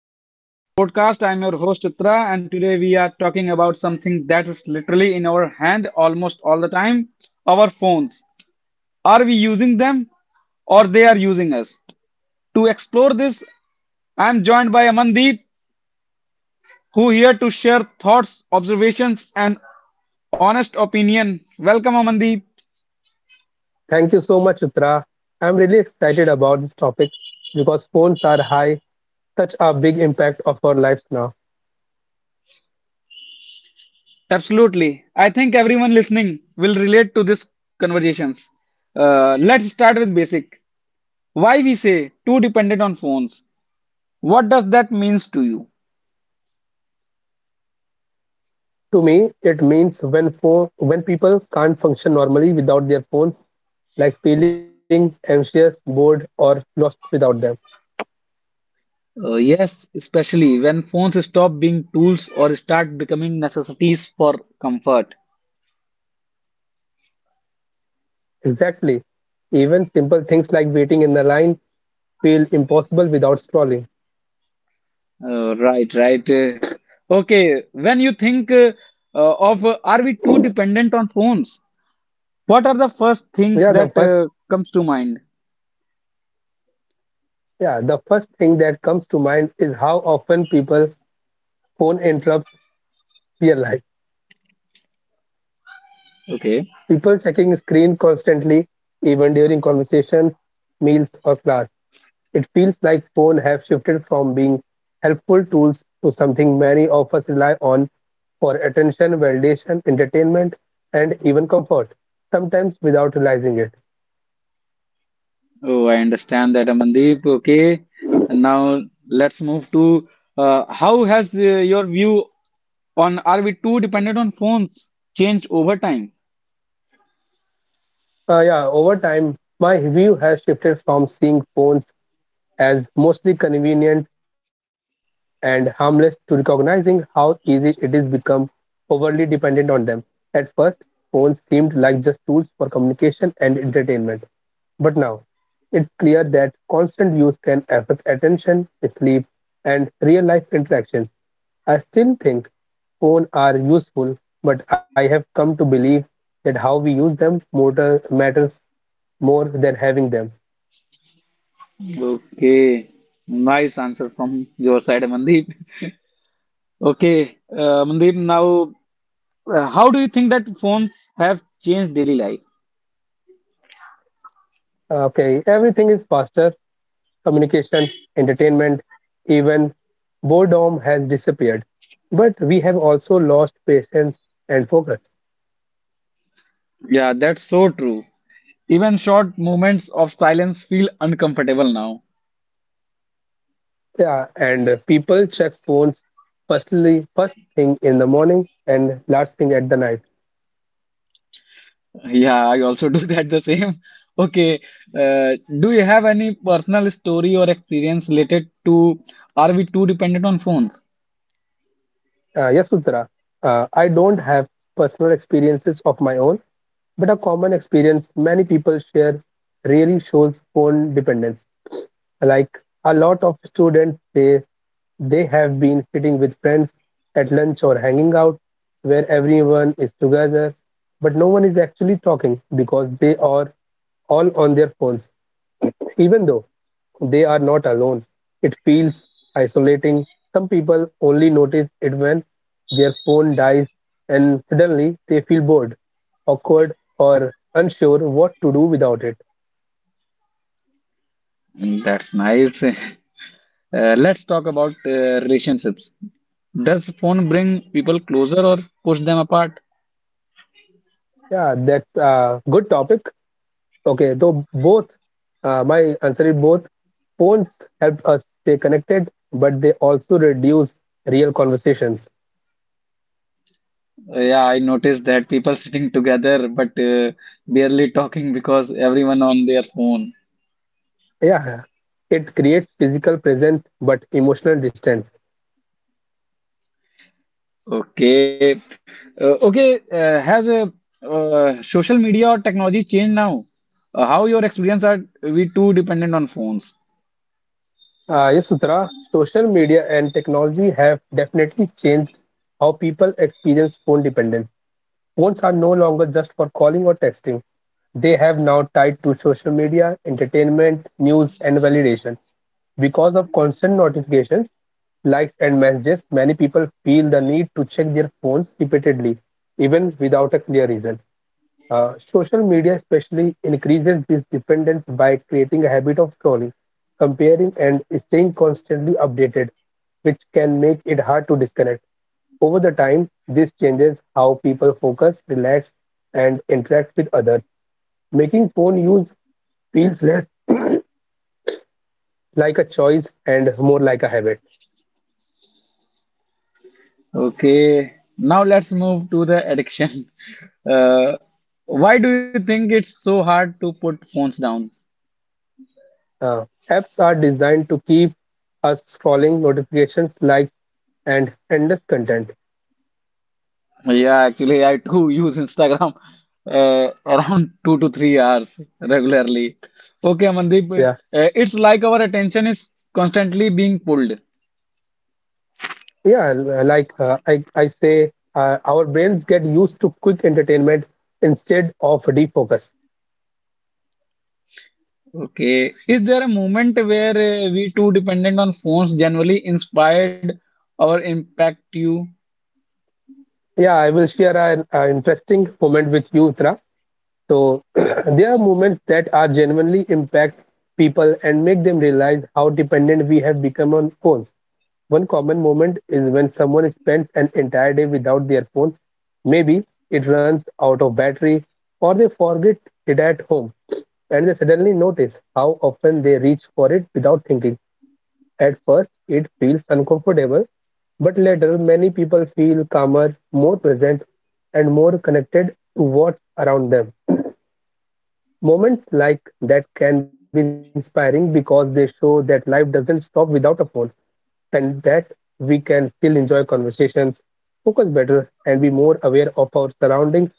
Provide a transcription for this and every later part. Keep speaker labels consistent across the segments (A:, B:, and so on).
A: Welcome back to the podcast. I'm your host, Chitra, and today we are talking about something that is literally in our hand almost all the time, our phones. Are we using them or they are using us? To explore this, I'm joined by Amandeep, who here to share thoughts, observations, and honest opinion. Welcome, Amandeep.
B: Thank you so much, Uttara. I'm really excited about this topic because phones are high, such a big impact of our lives now.
A: Absolutely. I think everyone listening will relate to these conversations. Let's start with basic. Why we say too dependent on phones? What does that means to you?
B: To me, it means when people can't function normally without their phones, like feeling anxious, bored, or lost without them.
A: Yes, especially when phones stop being tools or start becoming necessities for comfort.
B: Exactly. Even simple things like waiting in the line feel impossible without scrolling.
A: Right, right. Okay, when you think of are we too dependent on phones? What are the first things
B: Yeah, the
A: that
B: first
A: comes to mind?
B: yeah, the first thing that comes to mind is how often people phone interrupts their life.
A: Okay.
B: People checking screen constantly, even during conversations, meals, or class. It feels like phones have shifted from being helpful tools to something many of us rely on for attention, validation, entertainment, and even comfort, sometimes without realizing it.
A: Oh, I understand that, Amandeep. Okay. And now let's move to, how has your view on are we too dependent on phones changed over time?
B: Yeah, over time, my view has shifted from seeing phones as mostly convenient and harmless to recognizing how easy it is become overly dependent on them. At first, phones seemed like just tools for communication and entertainment. But now, it's clear that constant use can affect attention, sleep, and real-life interactions. I still think phones are useful, but I have come to believe that how we use them motor matters more than having them.
A: Okay, nice answer from your side, Mandeep. Okay. Mandeep, now how do you think that phones have changed daily life?
B: Okay, everything is faster, communication, entertainment, even boredom has disappeared. But we have also lost patience and focus.
A: Yeah, that's so true. Even short moments of silence feel uncomfortable now.
B: Yeah, and people check phones first thing in the morning and last thing at the night.
A: Yeah, I also do that the same. Okay. uh, do you have any personal story or experience related to are we too dependent on phones?
B: Yes, Uttara. I don't have personal experiences of my own, but a common experience many people share really shows phone dependence. Like a lot of students say, they have been sitting with friends at lunch or hanging out where everyone is together, but no one is actually talking because they are all on their phones. Even though they are not alone, it feels isolating. Some people only notice it when their phone dies and suddenly they feel bored, awkward, or unsure what to do without it.
A: Mm, that's nice. Let's talk about relationships. Does phone bring people closer or push them apart?
B: Yeah, that's a good topic. Okay, though both, my answer is both. Phones help us stay connected, but they also reduce real conversations.
A: Yeah, I noticed that people sitting together but barely talking because everyone on their phone.
B: Yeah, it creates physical presence but emotional distance.
A: Okay, okay. Has a social media or technology changed now? How your experience are we too dependent on phones?
B: Yes, Sutra, social media and technology have definitely changed how people experience phone dependence. Phones are no longer just for calling or texting. They have now tied to social media, entertainment, news, and validation. Because of constant notifications, likes, and messages, many people feel the need to check their phones repeatedly, even without a clear reason. Social media especially increases this dependence by creating a habit of scrolling, comparing, and staying constantly updated, which can make it hard to disconnect. Over the time, this changes how people focus, relax, and interact with others, making phone use feels less like a choice and more like a habit.
A: Okay, now let's move to the addiction. Uh, why do you think it's so hard to put phones down?
B: Uh, Apps are designed to keep us scrolling notifications, likes, and endless content.
A: Yeah, actually, I too use Instagram, around 2 to 3 hours regularly. Okay, Mandeep,
B: Yeah.
A: it's like our attention is constantly being pulled.
B: Yeah, like I say, our brains get used to quick entertainment instead of defocus.
A: Okay, is there a moment where we too dependent on phones generally inspired or impact you?
B: Yeah, I will share an interesting moment with you, Uttara. So there are moments that are genuinely impact people and make them realize how dependent we have become on phones. One common moment is when someone spends an entire day without their phone. Maybe it runs out of battery or they forget it at home and they suddenly notice how often they reach for it without thinking. At first, it feels uncomfortable, but later, many people feel calmer, more present, and more connected to what's around them. Moments like that can be inspiring because they show that life doesn't stop without a phone and that we can still enjoy conversations, focus better, and be more aware of our surroundings.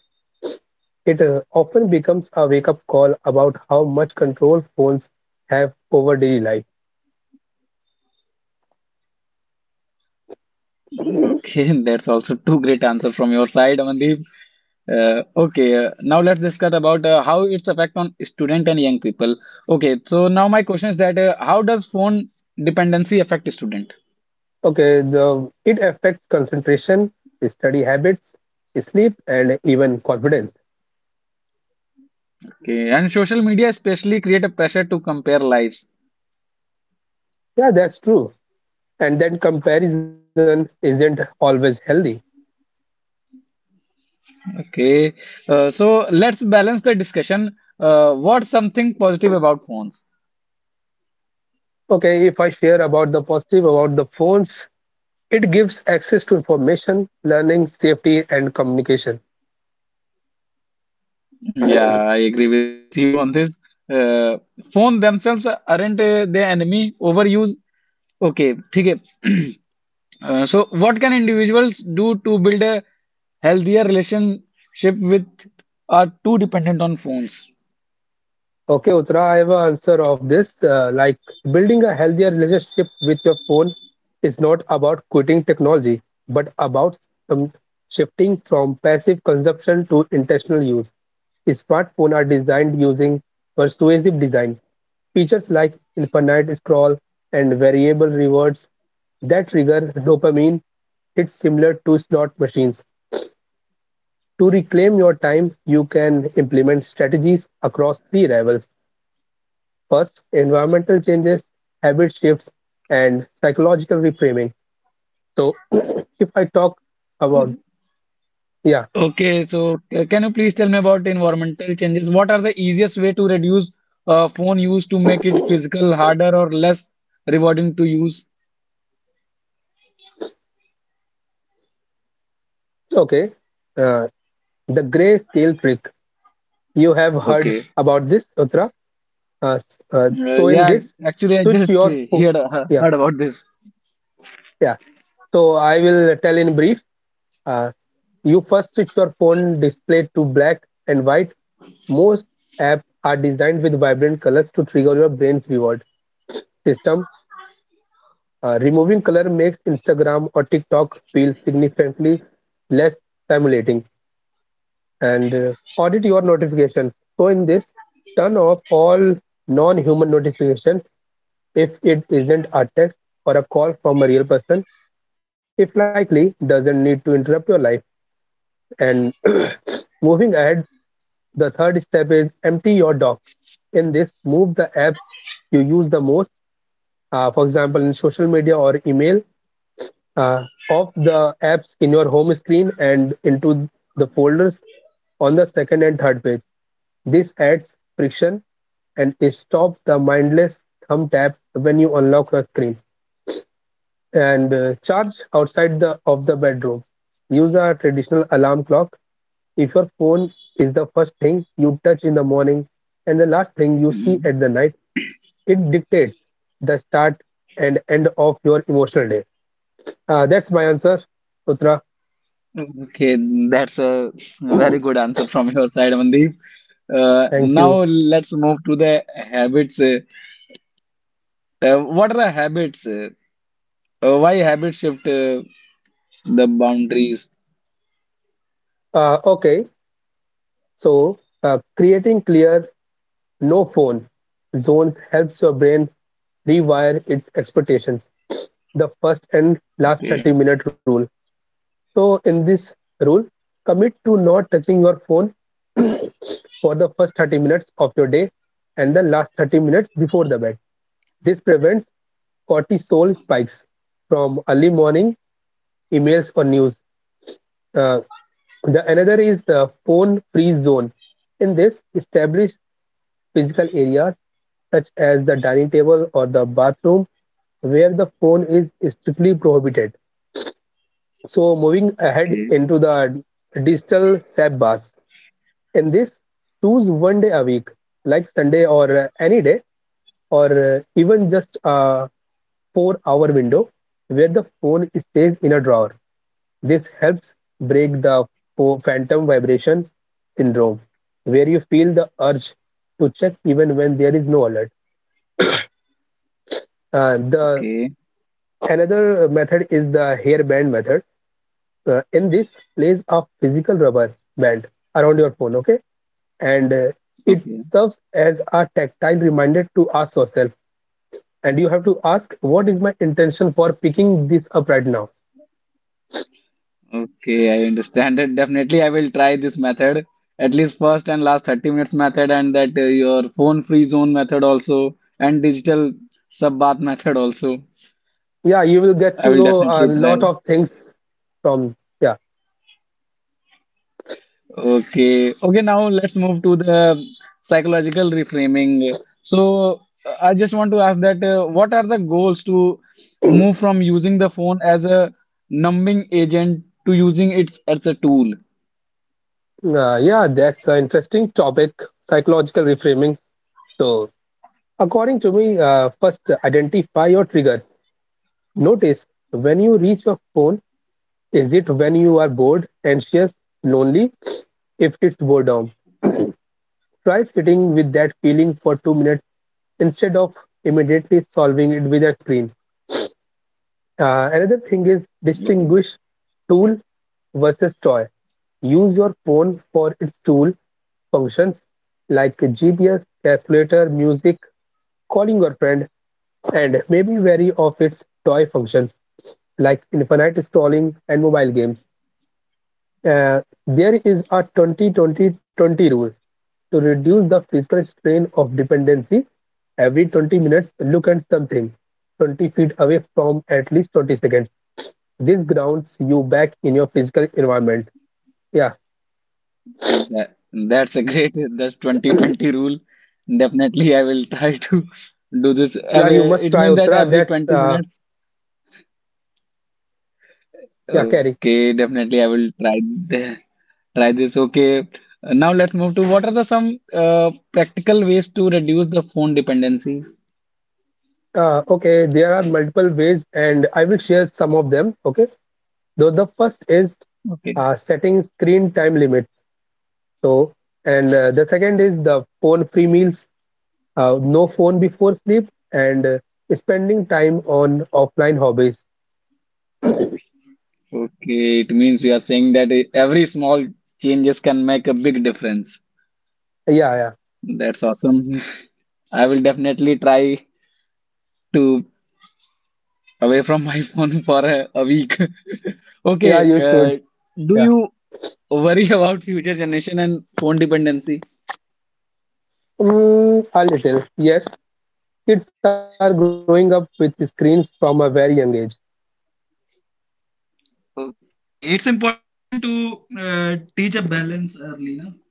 B: It often becomes a wake up call about how much control phones have over daily life.
A: Okay, that's also two great answer from your side, Amandeep. Okay, now let's discuss about how its effect on student and young people. Okay, so now my question is that how does phone dependency affect student?
B: Okay, the, it affects concentration, study habits, sleep, and even confidence.
A: Okay, and social media especially create a pressure to compare lives.
B: Yeah, that's true. And then comparison isn't always healthy.
A: Okay, so let's balance the discussion. What's something positive about phones?
B: Okay, if I share about the positive about the phones, it gives access to information, learning, safety, and communication.
A: Yeah, I agree with you on this. Uh, Phone themselves aren't the enemy. Overuse. Okay, ठीक है. So, what can individuals do to build a healthier relationship with are too dependent on phones?
B: Okay, Uttara, I have an answer of this. Like building a healthier relationship with your phone is not about quitting technology, but about um, shifting from passive consumption to intentional use. Smartphones are designed using persuasive design. Features like infinite scroll and variable rewards that trigger dopamine. It's similar to slot machines. To reclaim your time, you can implement strategies across three levels. First, environmental changes, habit shifts, and psychological reframing. So, if I talk about, yeah,
A: Okay, so can you please tell me about environmental changes? What are the easiest way to reduce phone use to make it physical harder or less rewarding to use?
B: okay, uh, the gray scale trick, you have heard
A: Okay.
B: about this, Uttara.
A: Uh,
B: So, in
A: yeah,
B: this,
A: actually, I
B: switch
A: just
B: your, fo- yeah,
A: heard about this.
B: yeah. So, I will tell in brief. Uh, you first switch your phone display to black and white. Most apps are designed with vibrant colors to trigger your brain's reward system. Removing color makes Instagram or TikTok feel significantly less stimulating. And audit your notifications. So in this, turn off all non-human notifications if it isn't a text or a call from a real person. If likely, doesn't need to interrupt your life. And moving ahead, the third step is empty your dock. In this, move the apps you use the most. For example, in social media or email, of the apps in your home screen and into the folders on the second and third page. This adds friction and it stops the mindless thumb tap when you unlock your screen. And charge outside the of the bedroom. Use a traditional alarm clock. If your phone is the first thing you touch in the morning and the last thing you see
A: Mhm.
B: at the night, it dictates the start and end of your emotional day. That's my answer, Utra.
A: Okay, that's a very good answer from your side, Amandeep.
B: Thank you.
A: Now let's move to the habits. What are the habits? Why habits shift the boundaries?
B: Okay, so creating clear no phone zones helps your brain rewire its expectations. The first and last
A: Okay,
B: 30-minute rule. So, in this rule, commit to not touching your phone for the first 30 minutes of your day and the last 30 minutes before the bed. This prevents cortisol spikes from early morning emails or news. Uh, the another is the phone free zone. In this, establish physical areas such as the dining table or the bathroom where the phone is strictly prohibited. So moving ahead
A: okay,
B: into the digital sabbaths. In this, choose one day a week, like Sunday or any day, or even just a 4-hour window where the phone stays in a drawer. This helps break the phantom vibration syndrome, where you feel the urge to check even when there is no alert. The
A: okay,
B: another method is the hair band method. In this, place a physical rubber band around your phone, okay? And it
A: okay,
B: serves as a tactile reminder to ask yourself. And you have to ask, what is my intention for picking this up right now?
A: okay. I understand it. Definitely, I will try this method. At least first and last 30 minutes method, and that your phone free zone method also, and digital sub bath method also.
B: Yeah, you will get
A: I
B: to
A: will
B: know a
A: definitely
B: lot
A: try.
B: of things from. Yeah,
A: Okay, now let's move to the psychological reframing. So, I just want to ask that what are the goals to move from using the phone as a numbing agent to using it as a tool?
B: yeah, that's an interesting topic. Psychological reframing. So according to me, first identify your triggers. Notice when you reach your phone, is it when you are bored, anxious, lonely? If it's boredom, try sitting with that feeling for 2 minutes instead of immediately solving it with a screen. Another thing is
A: Okay,
B: distinguish tool versus toy. Use your phone for its tool functions like GPS, calculator, music, calling your friend, and maybe vary of its toy functions like infinite scrolling and mobile games. There is a 20-20-20 rule to reduce the physical strain of dependency. Every 20 minutes, look at something 20 feet away from at least 20 seconds. This grounds you back in your physical environment. Yeah,
A: that, that's a great, that's 2020 rule. Definitely, I will try to do this.
B: yeah, you
A: Every—
B: must
A: it
B: try,
A: means that
B: Uttara,
A: every
B: that,
A: 20 minutes.
B: yeah, carry.
A: Okay, definitely I will try th- try this. Okay, now let's move to what are the some practical ways to reduce the phone dependencies?
B: Okay, there are multiple ways, and I will share some of them. Okay, so the first is
A: Okay,
B: setting screen time limits. So, and the second is the phone free meals, no phone before sleep, and spending time on offline hobbies.
A: okay, it means you are saying that every small changes can make a big difference.
B: Yeah, yeah,
A: That's awesome. I will definitely try to away from my phone for a week. Okay,
B: yeah, you should.
A: do
B: Yeah,
A: you worry about future generation and phone dependency?
B: mm, a little, yes, kids are growing up with screens from a very young age.
A: Okay, it's important to teach a balance early, no?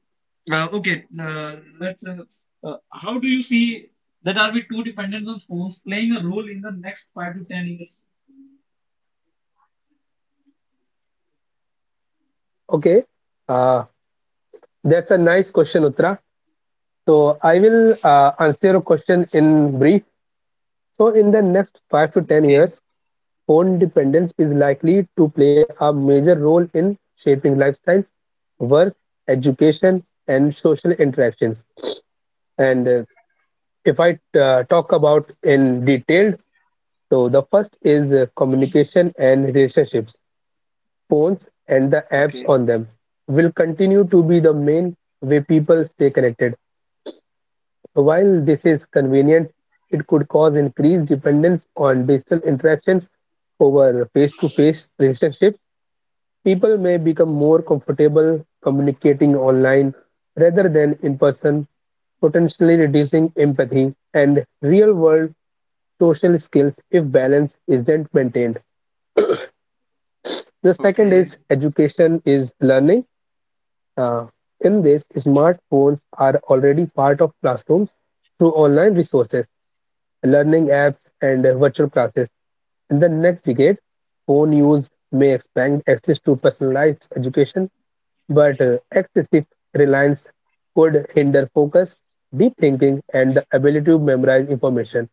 A: Okay, let's. How do you see that are we too dependent on phones playing a role in the next 5 to 10 years?
B: Okay, uh, that's a nice question, Uttara. So I will answer your question in brief. So in the next five to ten
A: Okay,
B: years, phone dependence is likely to play a major role in shaping lifestyles, work, education, and social interactions. And if I talk about in detail, so the first is communication and relationships. Phones and the
A: okay,
B: apps on them will continue to be the main way people stay connected. While this is convenient, it could cause increased dependence on digital interactions over face-to-face relationships. People may become more comfortable communicating online rather than in person, potentially reducing empathy and real-world social skills if balance isn't maintained. The second
A: okay,
B: is education is learning. Uh, In this, smartphones are already part of classrooms through online resources, learning apps, and virtual classes. In the next decade, phone use may expand access to personalized education, but excessive reliance could hinder focus, deep thinking, and the ability to memorize information,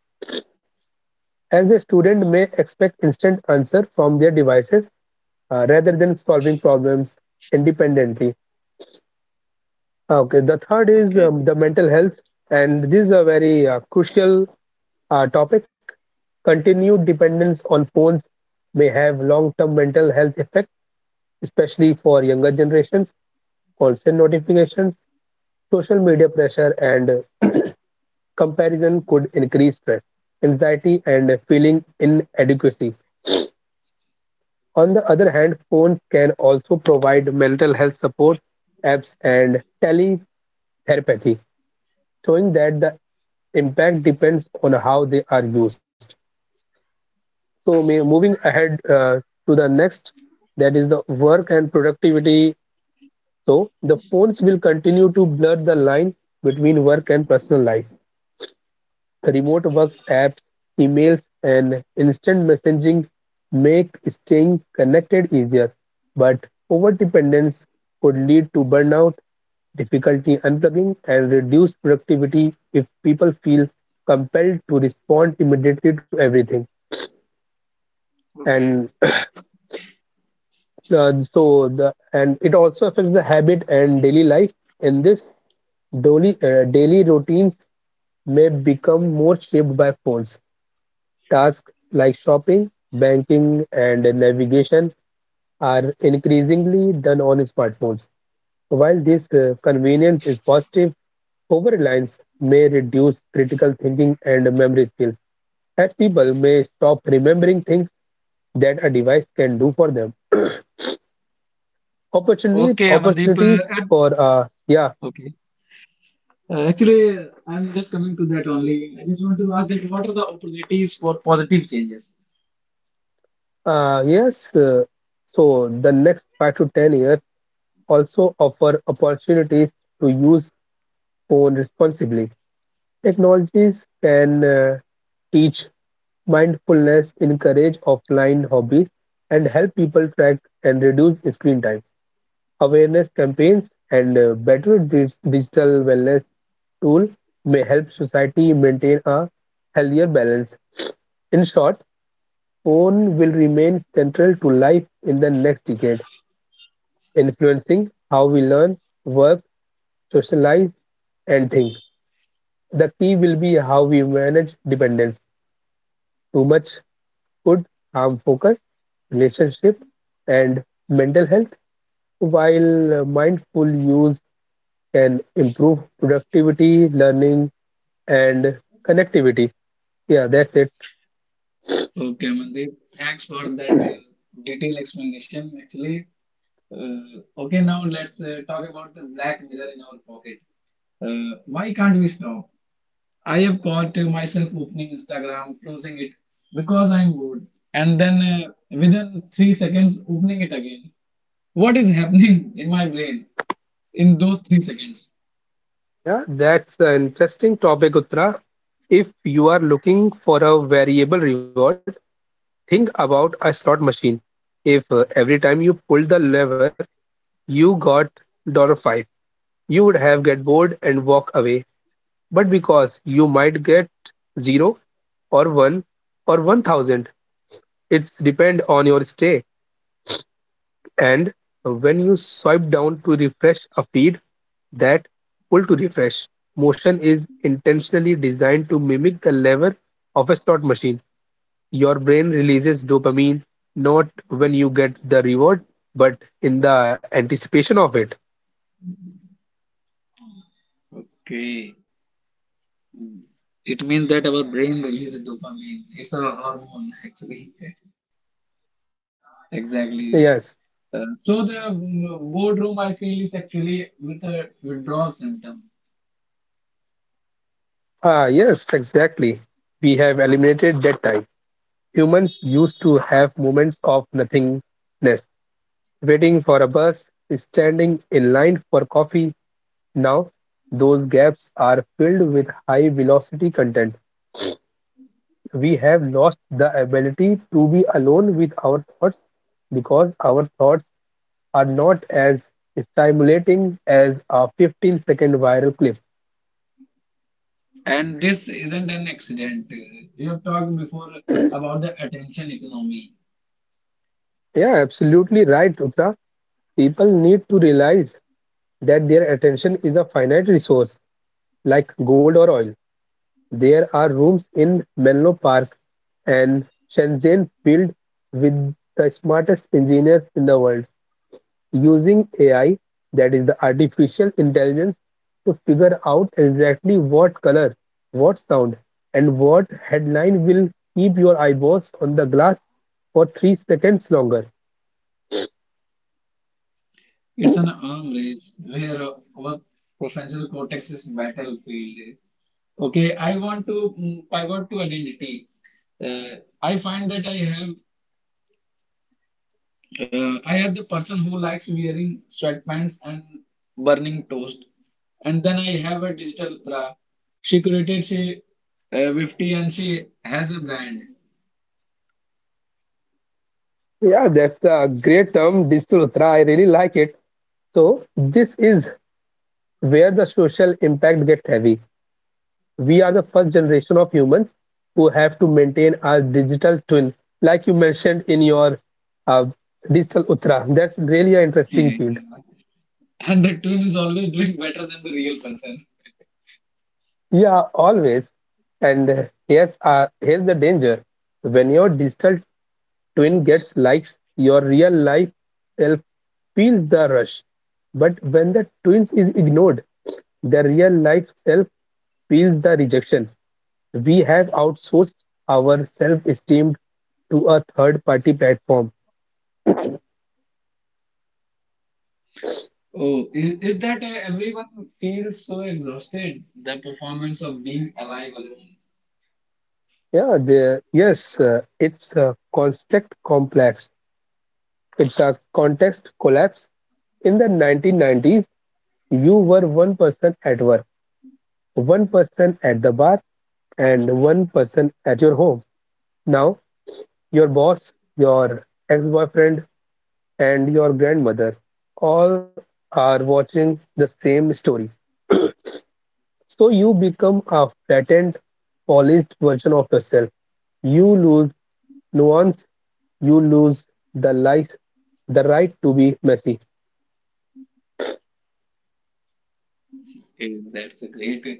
B: as the student may expect instant answer from their devices rather than solving problems independently. Okay, the third is
A: okay,
B: the mental health, and this is a very crucial topic. Continued dependence on phones may have long-term mental health effects, especially for younger generations. Constant notifications, social media pressure, and comparison could increase stress, anxiety, and feeling inadequacy. On the other hand, phones can also provide mental health support apps and teletherapy, showing that the impact depends on how they are used. Moving ahead to the next, that is the work and productivity. So the phones will continue to blur the line between work and personal life. Remote work apps, emails, and instant messaging make staying connected easier, but overdependence could lead to burnout, difficulty unplugging, and reduced productivity if people feel compelled to respond immediately to everything. And so the and it also affects the habit and daily life. In this, daily routines may become more shaped by phones. Tasks like shopping, banking, and navigation are increasingly done on smartphones. While this convenience is positive, over-reliance may reduce critical thinking and memory skills, as people may stop remembering things that a device can do for them.
A: okay, Amandeep.
B: Opportunities for
A: Okay. Actually, I'm just coming to that only. I just want to ask that what are the opportunities for positive changes?
B: yes. So the next 5 to 10 years also offer opportunities to use phone responsibly. Technologies can teach mindfulness, encourage offline hobbies, and help people track and reduce screen time. Awareness campaigns and better digital wellness tool may help society maintain a healthier balance. In short, phone will remain central to life in the next decade, influencing how we learn, work, socialize, and think. The key will be how we manage dependence. Too much could harm focus, relationship, and mental health, while mindful use can improve productivity, learning, and connectivity. Yeah, that's it.
A: Okay, Amandeep. Thanks for that detailed explanation. Okay, now let's talk about the black mirror in our pocket. Why can't we stop? I have caught myself opening Instagram, closing it because I'm bored, and then within 3 seconds, opening it again. What is happening in my brain in those 3 seconds?
B: Yeah, that's an interesting topic, Uttara. If you are looking for a variable reward, think about a slot machine. If every time you pulled the lever, you got 5, you would have get bored and walk away. But because you might get 0 or 1 or 1,000, it's depend on your stay. And when you swipe down to refresh a feed, that pull to refresh motion is intentionally designed to mimic the lever of a slot machine. Your brain releases dopamine not when you get the reward, but in the anticipation of it.
A: Okay. Hmm. It means that our brain releases dopamine. It's a hormone, actually.
B: Yes.
A: Exactly. So the boredom I feel is actually with a withdrawal symptom,
B: Ah, yes, exactly. We have eliminated that time. Humans used to have moments of nothingness, waiting for a bus, standing in line for coffee. Now, those gaps are filled with high velocity content. We have lost the ability to be alone with our thoughts because our thoughts are not as stimulating as a 15-second viral clip.
A: and this isn't an accident. You have talked before about the attention economy.
B: Yeah, absolutely right, Utra. People need to realize that their attention is a finite resource like gold or oil. There are rooms in Menlo Park and Shenzhen filled with the smartest engineers in the world using AI, that is the artificial intelligence, to figure out exactly what color, what sound, and what headline will keep your eyeballs on the glass for 3 seconds longer.
A: It's an arm race where our prefrontal cortex is battlefield. Okay, I want to pivot to identity. I find that I have the person who likes wearing sweatpants and burning toast, and then I have a digital Tra. She curated, she 50 and she has a brand.
B: Yeah, that's a great term, digital Uttara. I really like it. So this is where the social impact gets heavy. We are the first generation of humans who have to maintain our digital twin, like you mentioned in your uh, digital utra. That's really an interesting
A: Yeah.
B: field.
A: And the twin is always doing better than the real person.
B: Yeah, always. And here's the danger: when your digital twin gets likes, your real life self feels the rush, but when the twins is ignored, the real life self feels the rejection. We have outsourced our self-esteem to a third-party platform.
A: Oh, is that everyone feels so exhausted? The performance of being alive alone.
B: Yes, it's a construct complex. It's a context collapse. In the 1990s, you were one person at work, one person at the bar, and one person at your home. Now, your boss, your ex-boyfriend, and your grandmother all are watching the same story. So you become a flattened, polished version of yourself. You lose nuance, you lose the life, the right to be messy.
A: Okay, that's a great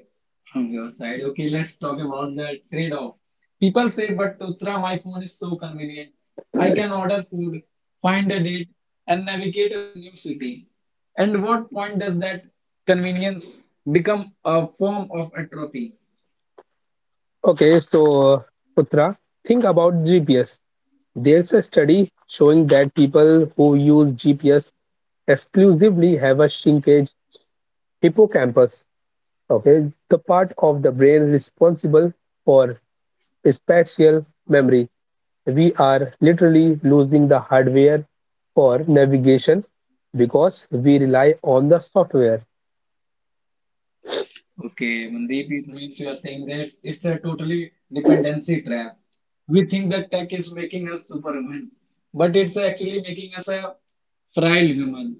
A: from your side. Okay, let's talk about the trade-off. People say, but Uttara, my phone is so convenient. I can order food, find a date, and navigate a new city. And what point does that convenience become a form of atrophy?
B: Okay, so Putra, think about GPS. There's a study showing that people who use GPS exclusively have a shrinkage hippocampus, okay, the part of the brain responsible for spatial memory. We are literally losing the hardware for navigation because we rely on the software.
A: Okay, Mandeep, it means you are saying that it's a totally dependency trap. We think that tech is making us superhuman, but it's actually making us a frail human.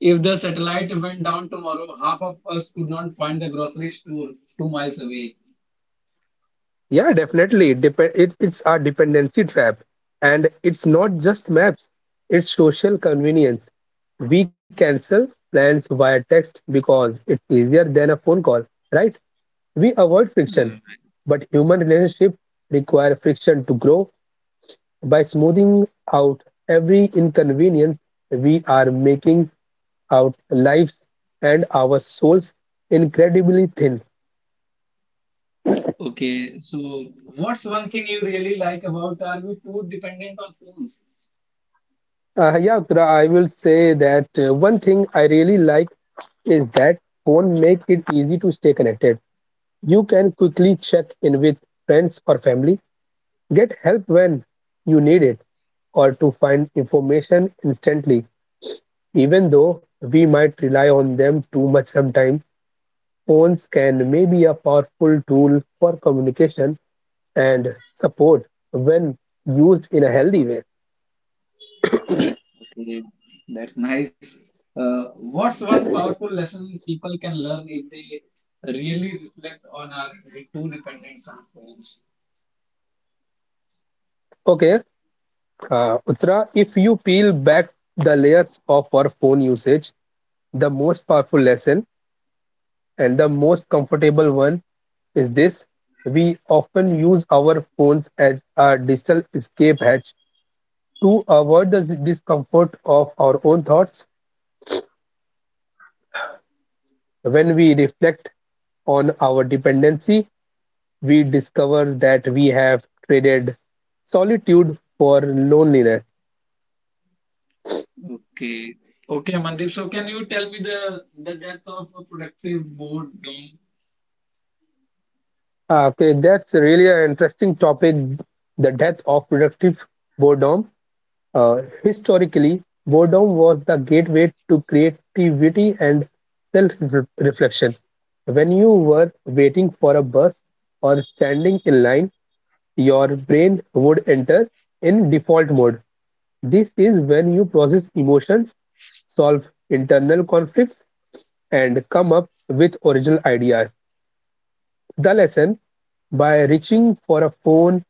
A: If the satellite went down tomorrow, half of us could not find the grocery store 2 miles away.
B: Yeah, definitely. It's a dependency trap. And it's not just maps, it's social convenience. We cancel plans via text because it's easier than a phone call, right? We avoid friction,
A: Hmm.
B: but human relationships require friction to grow. By smoothing out every inconvenience, we are making our lives and our souls incredibly thin.
A: Okay, so what's one thing you really like about are we too dependent on phones?
B: Yeah, Uttara, I will say that one thing I really like is that phone make it easy to stay connected. You can quickly check in with friends or family, get help when you need it, or to find information instantly, even though we might rely on them too much sometimes. Phones can may be a powerful tool for communication and support when used in a healthy way.
A: Okay, that's nice. Uh, what's one powerful lesson people can learn if they really reflect on our too dependence on phones?
B: Okay, Uttara, if you peel back the layers of our phone usage, the most powerful lesson and the most comfortable one is this. We often use our phones as a digital escape hatch to avoid the discomfort of our own thoughts. When we reflect on our dependency, we discover that we have traded solitude for loneliness.
A: Okay, okay, Mandeep. So, can you tell me the depth of a productive boredom?
B: Ah, okay, that's really an interesting topic, the death of productive boredom. Historically, boredom was the gateway to creativity and self reflection. When you were waiting for a bus or standing in line, your brain would enter in default mode. This is when you process emotions, solve internal conflicts, and come up with original ideas. The lesson: by reaching for a phone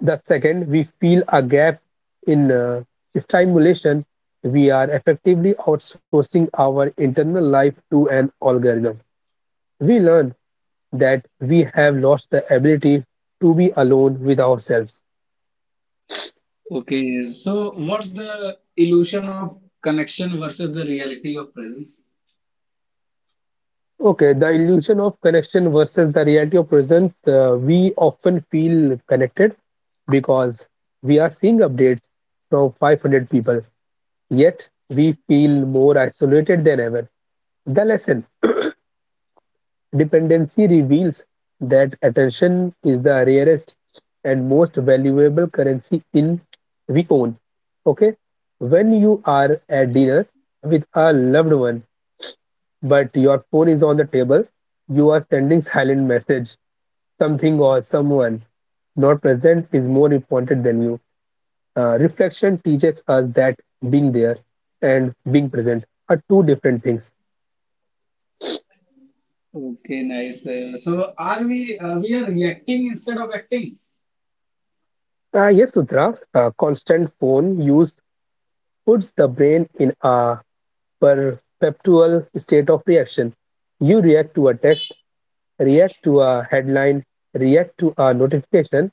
B: the second we feel a gap in stimulation, we are effectively outsourcing our internal life to an algorithm. We learn that we have lost the ability to be alone with ourselves.
A: Okay, so what's the illusion of connection versus the reality of presence?
B: Okay, the illusion of connection versus the reality of presence. We often feel connected because we are seeing updates from 500 people, yet we feel more isolated than ever. The lesson: dependency reveals that attention is the rarest and most valuable currency in we own. Okay, when you are at dinner with a loved one but your phone is on the table, you are sending silent message, something or someone not present is more important than you. Reflection teaches us that being there and being present are two different things.
A: Okay, nice. So, are we are reacting instead of acting?
B: Yes, Sutra, constant phone use puts the brain in a perpetual state of reaction. You react to a text, react to a headline, react to a notification.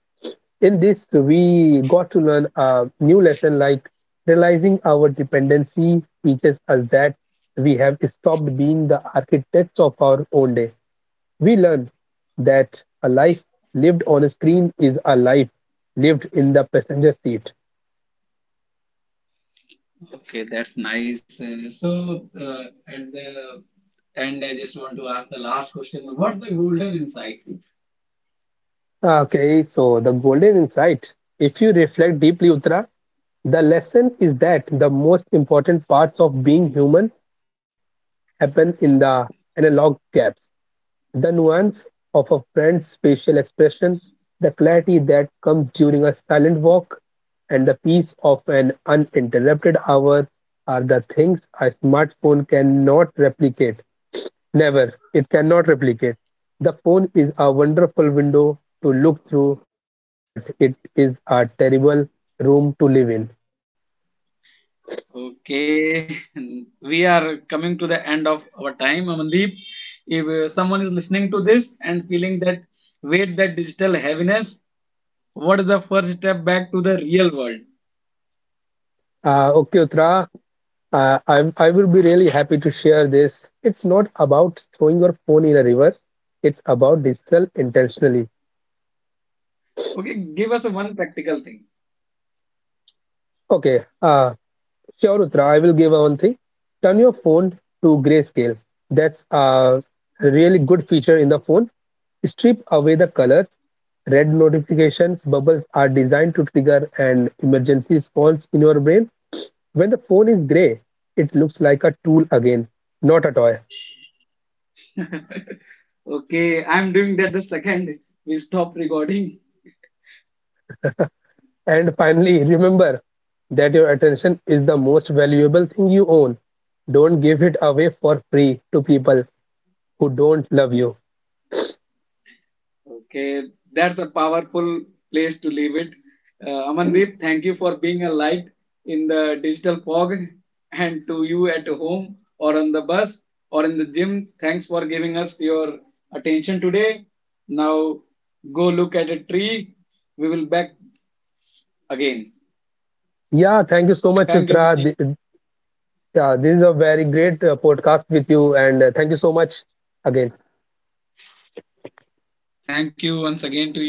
B: In this, we got to learn a new lesson like realizing our dependency teaches us that we have stopped being the architects of our own day. We learned that a life lived on a screen is a life lived in the passenger seat.
A: Okay, that's nice. So, at the end, I just want to ask the last question. What's the golden insight?
B: Okay, so the golden insight. If you reflect deeply, Uttara, the lesson is that the most important parts of being human happen in the analog gaps. The nuance of a friend's facial expression, the clarity that comes during a silent walk, and the peace of an uninterrupted hour are the things a smartphone cannot replicate. Never, it cannot replicate. The phone is a wonderful window to look through, but it is a terrible room to live in.
A: Okay, we are coming to the end of our time, Amandeep. If someone is listening to this and feeling that weight, that digital heaviness, what is the first step back to the real world?
B: Okay, Uttara, I will be really happy to share this. It's not about throwing your phone in a river. It's about digital intentionally.
A: Okay, give us one practical thing.
B: Okay, sure, Uttara, I will give one thing. Turn your phone to grayscale. That's a really good feature in the phone. Strip away the colors. Red notifications bubbles are designed to trigger an emergency response in your brain. When the phone is gray, it looks like a tool again, not a toy.
A: Okay, I'm doing that the second we stop recording.
B: And finally, remember that your attention is the most valuable thing you own. Don't give it away for free to people who don't love you.
A: Okay, that's a powerful place to leave it. Amandeep, thank you for being a light in the digital fog, and to you at home or on the bus or in the gym. Thanks for giving us your attention today. Now go look at a tree. We will back again.
B: Yeah, thank you so much,
A: Thank you,
B: Chitra.
A: Amandeep.
B: Th- Yeah, this is a very great podcast with you, and thank you so much again.
A: Thank you once again to you.